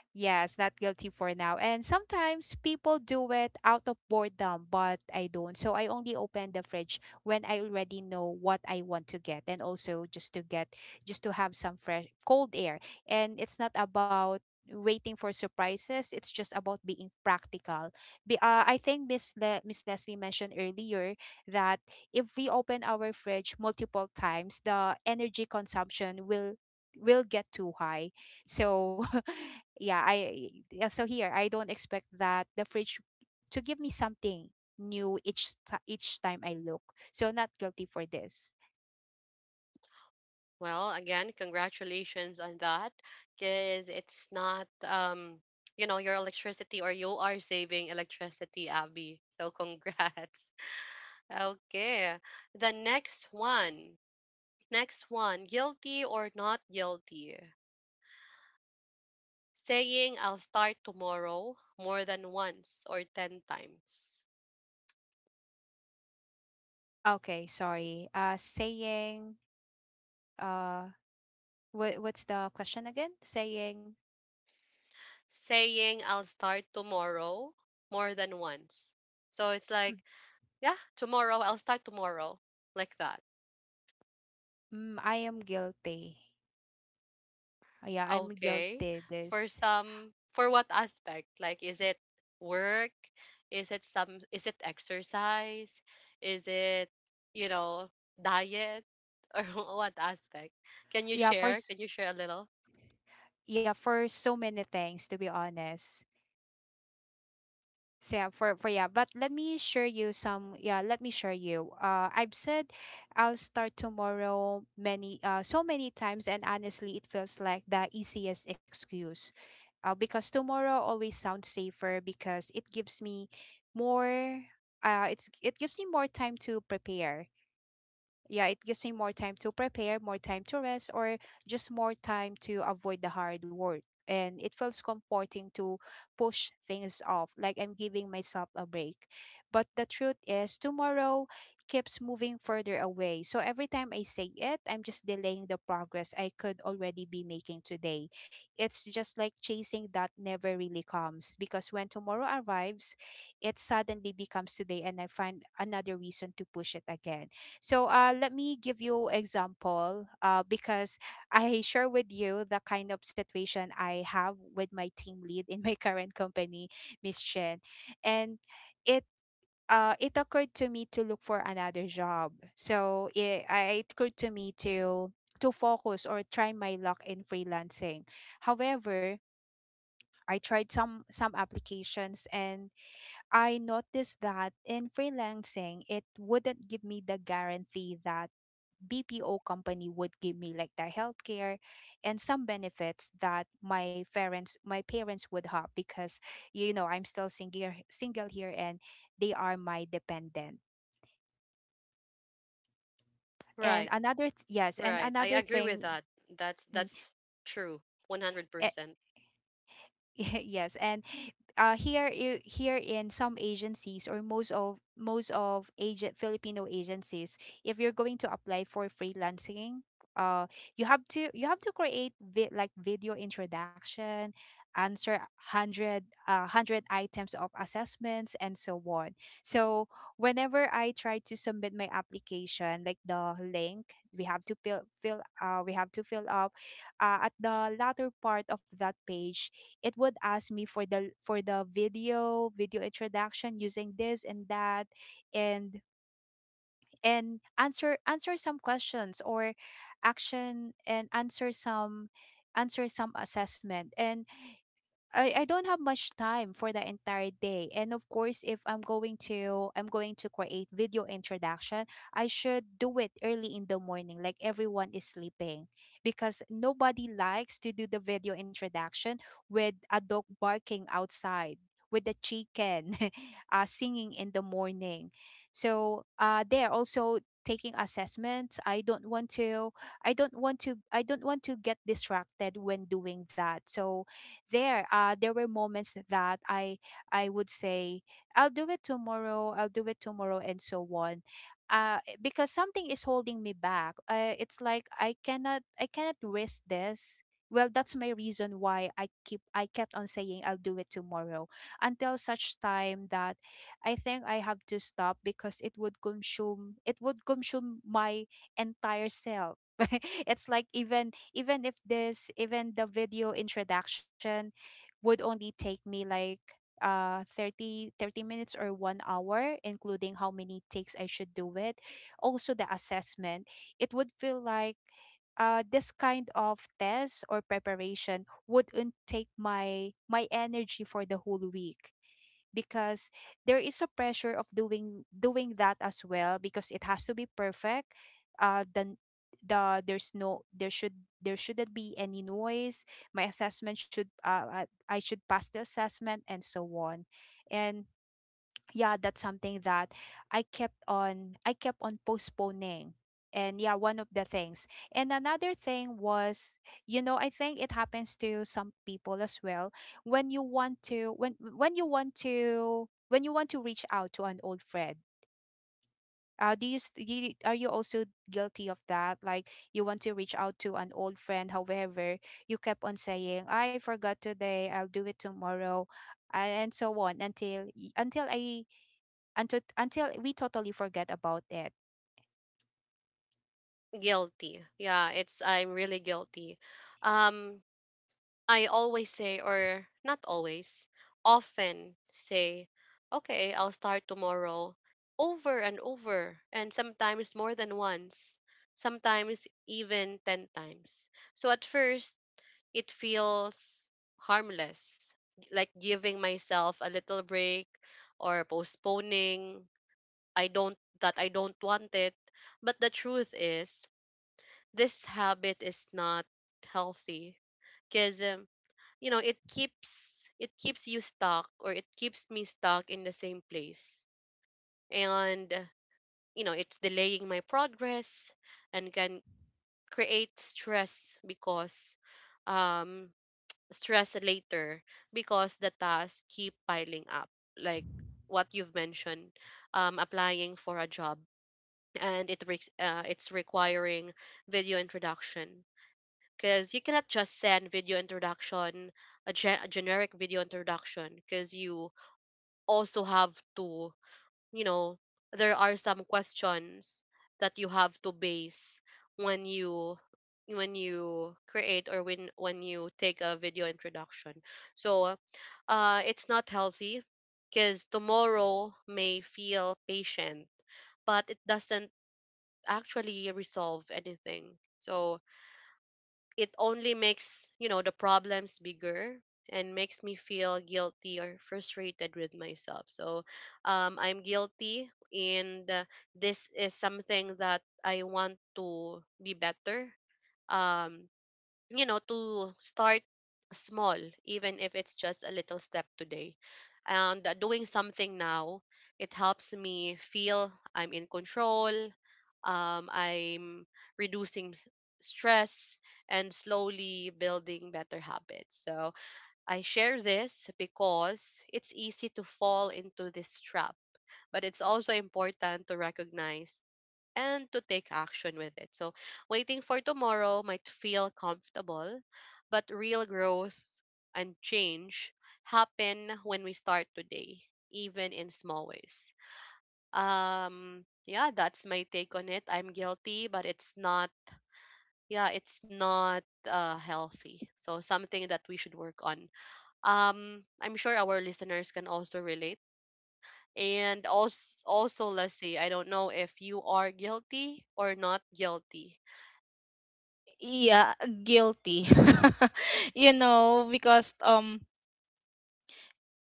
S3: yes, not guilty for now. And sometimes people do it out of boredom, but I don't. So I only open the fridge when I already know what I want to get, and also just to get just to have some fresh cold air. And it's not about waiting for surprises, it's just about being practical. I think Miss Leslie mentioned earlier that if we open our fridge multiple times, the energy consumption will get too high. So yeah, so here I don't expect that the fridge to give me something new each time I look. So not guilty for this.
S1: Well, again, congratulations on that, because it's not, you know, your electricity, or you are saving electricity, Abby, so congrats. Okay, the next one next one, guilty or not guilty? Saying I'll start tomorrow more than once or 10 times.
S3: Okay, sorry, saying, uh what, what's the question again, saying—
S1: Saying I'll start tomorrow more than once. So it's
S3: Mm,
S1: like, yeah, tomorrow, I'll start tomorrow, like that.
S3: mm, I am guilty. Yeah, I'm
S1: Okay.
S3: guilty
S1: For
S3: this.
S1: some, for what aspect? Like, is it work? Is it some, is it exercise? Is it, you know, diet? Or what aspect? Can you
S3: Yeah, for
S1: share? Can you share a little?
S3: yeah, for so many things, to be honest. So yeah, for yeah, but let me share you some, yeah, let me share you. I've said I'll start tomorrow many, so many times, and honestly it feels like the easiest excuse. Because tomorrow always sounds safer, because it gives me more, it gives me more time to prepare, yeah, it gives me more time to prepare, more time to rest, or just more time to avoid the hard work. And it feels comforting to push things off, like I'm giving myself a break. But the truth is, tomorrow keeps moving further away. So every time I say it, I'm just delaying the progress I could already be making today. It's just like chasing that never really comes, because when tomorrow arrives, it suddenly becomes today, and I find another reason to push it again. So let me give you example, because I share with you the kind of situation I have with my team lead in my current company, Miss Chen, and it, it occurred to me to look for another job. So it occurred to me to focus or try my luck in freelancing. However, I tried some applications, and I noticed that in freelancing it wouldn't give me the guarantee that BPO company would give me, like their healthcare and some benefits that my parents would have, because you know I'm still single here, and they are my dependent. And
S1: Right,
S3: yes, and
S1: right. I
S3: another
S1: agree with
S3: thing—
S1: that. That's
S3: mm,
S1: that's true.
S3: a-
S1: 100%.
S3: Yes. And here, here in some agencies, or most of, most of agent Filipino agencies, if you're going to apply for freelancing, uh you have to, you have to create like video introduction, answer 100, 100 items of assessments and so on. So whenever I try to submit my application, like the link we have to fill fill we have to fill up, at the latter part of that page, it would ask me for the, for the video introduction using this and that, and answer, answer some questions or action, and answer some, answer some assessment. And I don't have much time for the entire day, and of course if I'm going to, I'm going to create video introduction, I should do it early in the morning, like everyone is sleeping, because nobody likes to do the video introduction with a dog barking outside, with the chicken singing in the morning. So they are also taking assessments, I don't want to, I don't want to get distracted when doing that. So there, there were moments that I would say I'll do it tomorrow, and so on. Because something is holding me back, it's like I cannot risk this. Well, that's my reason why I kept on saying I'll do it tomorrow, until such time that I think I have to stop, because it would consume, it would consume my entire self. It's like, even, even if this, even the video introduction would only take me like thirty minutes or 1 hour, including how many takes I should do it, also the assessment, it would feel like, this kind of test or preparation wouldn't take my energy for the whole week, because there is a pressure of doing, that as well, because it has to be perfect. Then the, there's no, there should, there shouldn't be any noise, my assessment should, I should pass the assessment and so on. And yeah, that's something that I kept on postponing. And yeah, one of the things. And another thing was, you know, I think it happens to some people as well. When you want to, when you want to, when you want to reach out to an old friend. Do you, you are, you also guilty of that? Like you want to reach out to an old friend, however, you kept on saying, "I forgot today. I'll do it tomorrow," and so on until y- until I until we totally forget about it.
S1: Guilty. Yeah, it's, I'm really guilty. Um I always say, or not always, often say, okay, I'll start tomorrow over and over, and sometimes more than once, sometimes even 10 times. So at first, it feels harmless, like giving myself a little break or postponing. I don't, that I don't want it. But the truth is, this habit is not healthy because, you know, it keeps you stuck, or it keeps me stuck in the same place, and you know, it's delaying my progress and can create stress because, um stress later because the tasks keep piling up, like what you've mentioned, applying for a job and it's requiring video introduction, because you cannot just send video introduction, a generic video introduction, because you also have to, you know, there are some questions that you have to base when you, when you create or when you take a video introduction. So it's not healthy, because tomorrow may feel patient, but it doesn't actually resolve anything, so it only makes, you know, the problems bigger and makes me feel guilty or frustrated with myself. So I'm guilty, and this is something that I want to be better. Um, you know, to start small, even if it's just a little step today, and doing something now, it helps me feel I'm in control. I'm reducing stress and slowly building better habits. So I share this because it's easy to fall into this trap, but it's also important to recognize and to take action with it. So, waiting for tomorrow might feel comfortable, but real growth and change happen when we start today, even in small ways. Yeah, that's my take on it. I'm guilty, but it's not. Yeah, it's not healthy. So something that we should work on. I'm sure our listeners can also relate. And also, let's see. I don't know if you are guilty or not guilty.
S2: Yeah, guilty. Because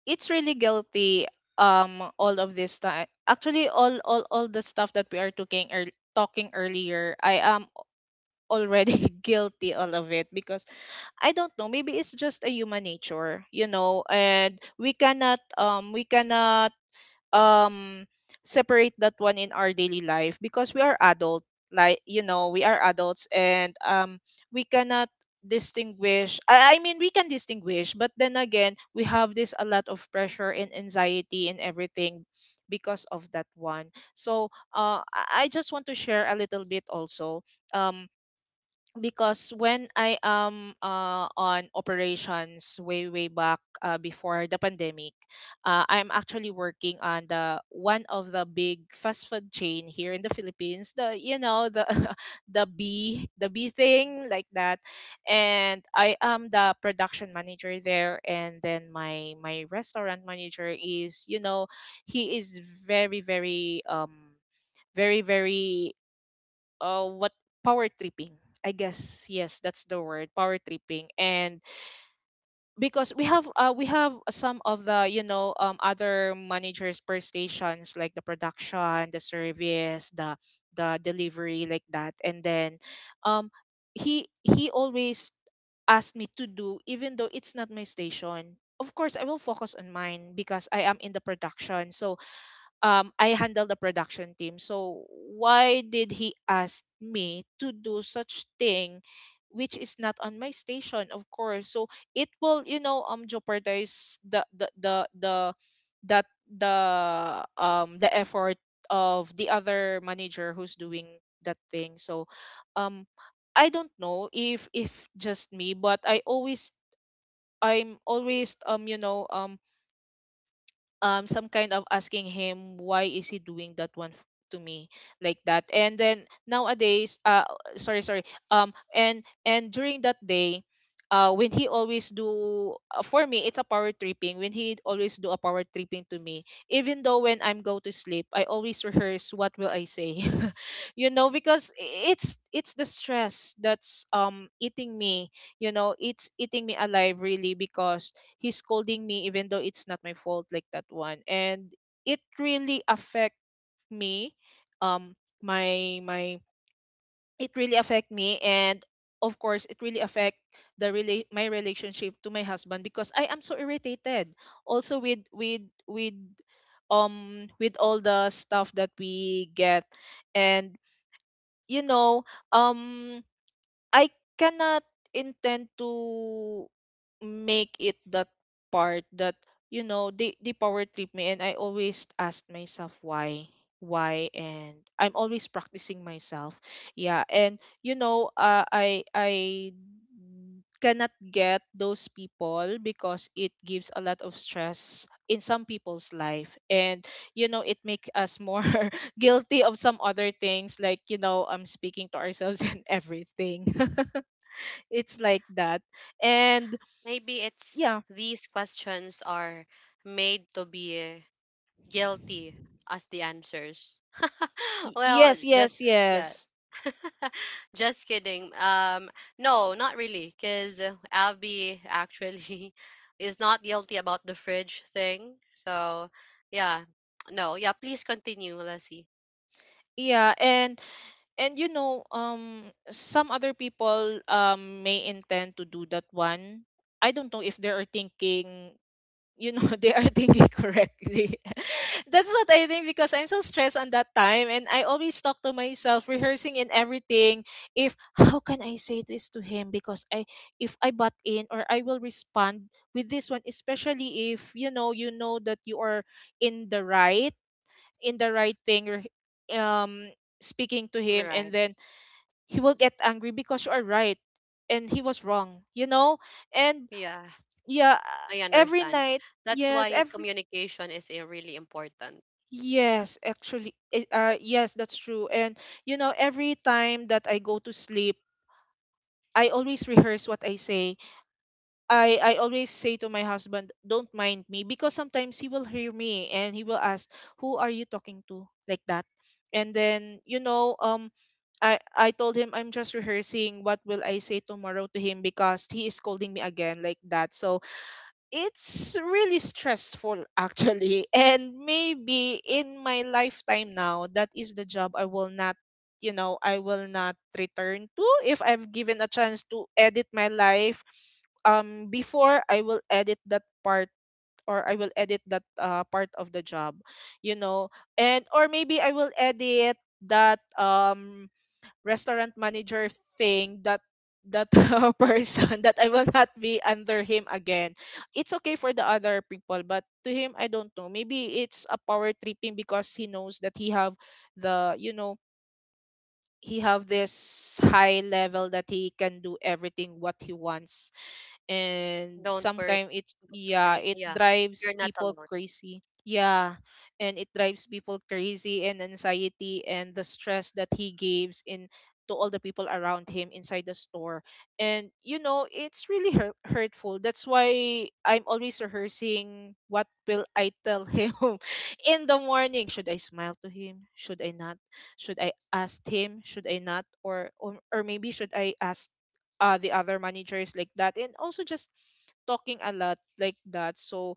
S2: it's really guilty, all of this time. Actually all the stuff that we are talking earlier, I am already guilty all of it, because I don't know, maybe it's just a human nature, and we cannot um separate that one in our daily life, because we are adult, like, we are adults, and we cannot distinguish, I mean we can distinguish. But then again, we have this a lot of pressure and anxiety and everything because of that one. So, I just want to share a little bit also. um because when I am, on operations, way back, before the pandemic, I'm actually working on the one of the big fast food chain here in the Philippines. The, the the B thing, like that, and I am the production manager there, and then my restaurant manager is, he is very, very, very, very, what, power tripping. I guess yes, that's the word, power tripping. And because we have some of the, other managers per stations, like the production, the service, the delivery, like that. And then, um, he always asked me to do, even though it's not my station. Of course, I will focus on mine because I am in the production. I handle the production team. So why did he ask me to do such thing, which is not on my station, of course. So it will, jeopardize the effort of the other manager who's doing that thing. Um, I don't know if just me, but I'm always some kind of asking him why is he doing that one to me like that. And then nowadays sorry sorry and during that day when he always do for me it's a power tripping when he always do a power tripping to me. Even though when I'm go to sleep, I always rehearse what will I say, you know, because it's the stress that's eating me. You know, it's eating me alive, really, because he's scolding me even though it's not my fault, like that one. And it really affect me um my my it really affect me. And of course it really affect my relationship to my husband, because I am so irritated also with with all the stuff that we get. And you know um I cannot intend to make it that part that, you know, they power trip me, and I always ask myself why. Why? And I'm always practicing myself. Yeah. And I cannot get those people, because it gives a lot of stress in some people's life. And you know, it makes us more guilty of some other things, like speaking to ourselves and everything. It's like that. And
S1: Maybe it's
S2: yeah.
S1: these questions are made to be guilty as the answers. Well,
S2: Yes,
S1: just
S2: yes,
S1: yeah.
S2: yes.
S1: Just kidding. No, not really, cuz Abby actually is not guilty about the fridge thing. So, yeah. No, yeah, please continue, Lassie.
S2: Yeah. And you know, some other people may intend to do that one. I don't know if they are thinking, you know, they are thinking correctly. That's what I think, because I'm so stressed on that time, and I always talk to myself, rehearsing in everything, if how can I say this to him. Because I if I butt in, or I will respond with this one, especially if, you know, you know that you are in the right in the right thing. Or um speaking to him,
S1: Right.
S2: and then he will get angry because you are right and he was wrong, you know. And
S1: Yeah,
S2: yeah,
S1: I
S2: every
S1: understand.
S2: night.
S1: That's
S2: Yes.
S1: why communication is really important.
S2: Yes, that's true. And you know, every time that I go to sleep, I always rehearse what I say. I always say to my husband, "Don't mind me," because sometimes he will hear me and he will ask, "Who are you talking to?" like that. And then you know, I told him I'm just rehearsing what will I say tomorrow to him, because he is scolding me again, like that. So it's really stressful, actually. And maybe in my lifetime now, that is the job I will not, you know, I will not return to. If I've given a chance to edit my life, before, I will edit that part. Or I will edit that part of the job, you know. And or maybe I will edit that restaurant manager thing, that person, that I will not be under him again. It's okay for the other people, but to him, I don't know. Maybe it's a power tripping, because he knows that he have the, you know, he have this high level that he can do everything what he wants. And
S1: Don't worry.
S2: sometimes it,
S1: Don't
S2: yeah,
S1: worry.
S2: it
S1: Yeah.
S2: drives
S1: You're not
S2: people
S1: alone.
S2: crazy. Yeah. And it drives people crazy, and anxiety, and the stress that he gives in to all the people around him inside the store. And you know, it's really hurtful. That's why I'm always rehearsing what will I tell him. In the morning, should I smile to him, should I not, should I ask him, should I not, or maybe should I ask the other managers, like that. And also just talking a lot, like that. So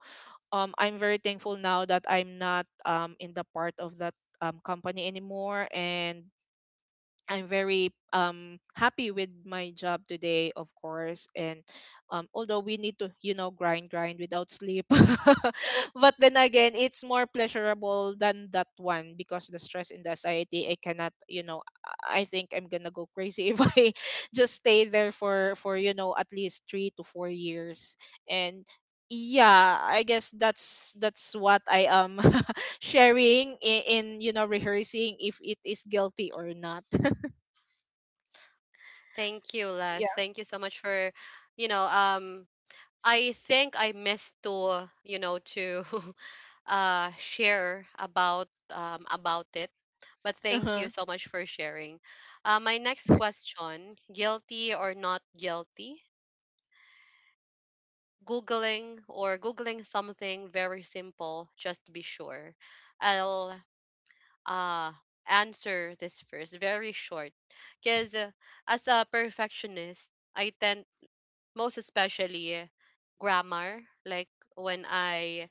S2: I'm very thankful now that I'm not in the part of that company anymore. And I'm very happy with my job today, of course. And although we need to, you know, grind without sleep, but then again, it's more pleasurable than that one, because the stress and the anxiety, I cannot, you know, I think I'm gonna go crazy if I just stay there for you know at least three to four years. And yeah, I guess that's what I am sharing in you know, rehearsing if it is guilty or not.
S1: Thank you, Les. Thank you so much for, you know, I think I missed to, you know, to share about it. But thank
S2: Uh-huh.
S1: you so much for sharing. My next question, guilty or not guilty? Googling something very simple just to be sure. I'll uh answer this first very short because as a perfectionist I tend, most especially grammar, like when I,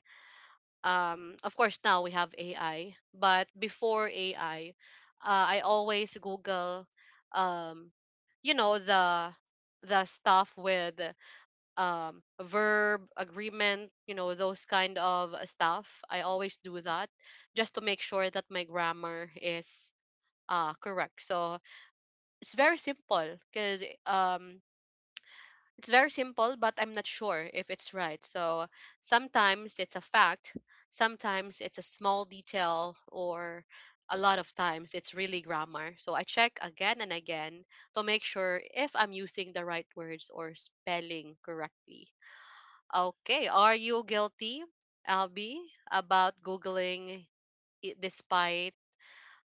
S1: of course now we have AI, but before AI, I always google, um you know, the stuff with, verb agreement, you know, those kind of stuff, I always do that just to make sure that my grammar is ah, correct. So it's very simple, because it's very simple, but I'm not sure if it's right. So sometimes it's a fact, sometimes it's a small detail, or a lot of times it's really grammar. So I check again and again to make sure if I'm using the right words or spelling correctly. Okay, are you guilty, Albi, about Googling it despite,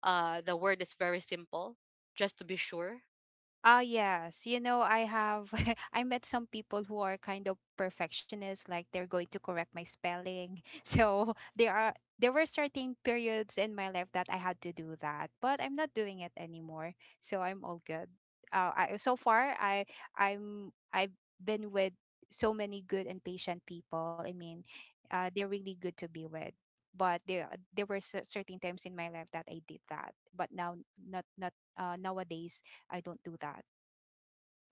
S1: the word is very simple, just to be sure?
S3: Ah, yes. You know, I have I met some people who are kind of perfectionists, like they're going to correct my spelling. So there are, there were certain periods in my life that I had to do that, but I'm not doing it anymore. So I'm all good. I, so far I, I'm, I've been with so many good and patient people. I mean, they're really good to be with. But there were certain times in my life that I did that, but now not, nowadays. I don't do that.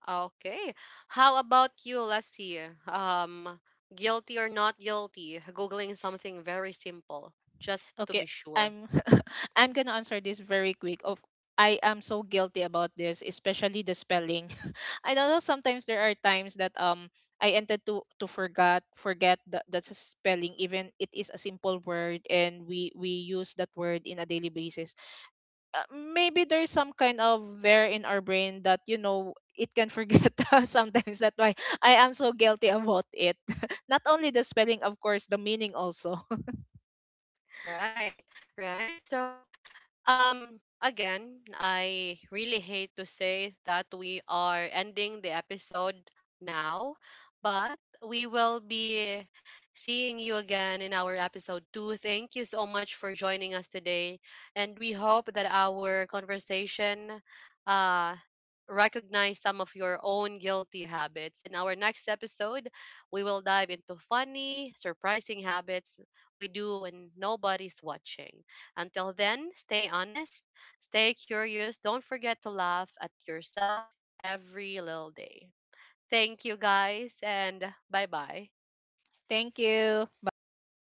S1: Okay. How about you, Lassie? Um, guilty or not guilty? Googling something very simple, just to
S2: Okay,
S1: be sure.
S2: I'm I'm gonna answer this very quick. Of I am so guilty about this, especially the spelling. I don't know, sometimes there are times that I ended to forget, the that's a spelling, even it is a simple word and we use that word in a daily basis. Maybe there's some kind of there in our brain that you know it can forget us sometimes, that's why I am so guilty about it. Not only the spelling, of course, the meaning also.
S1: Right, right. So, again, I really hate to say that we are ending the episode now, but we will be seeing you again in our episode 2. Thank you so much for joining us today, and we hope that our conversation uh recognize some of your own guilty habits. In our next episode, we will dive into funny, surprising habits we do when nobody's watching. Until then, stay honest, stay curious, don't forget to laugh at yourself every little day. Thank you guys and bye bye.
S2: Thank you. Bye.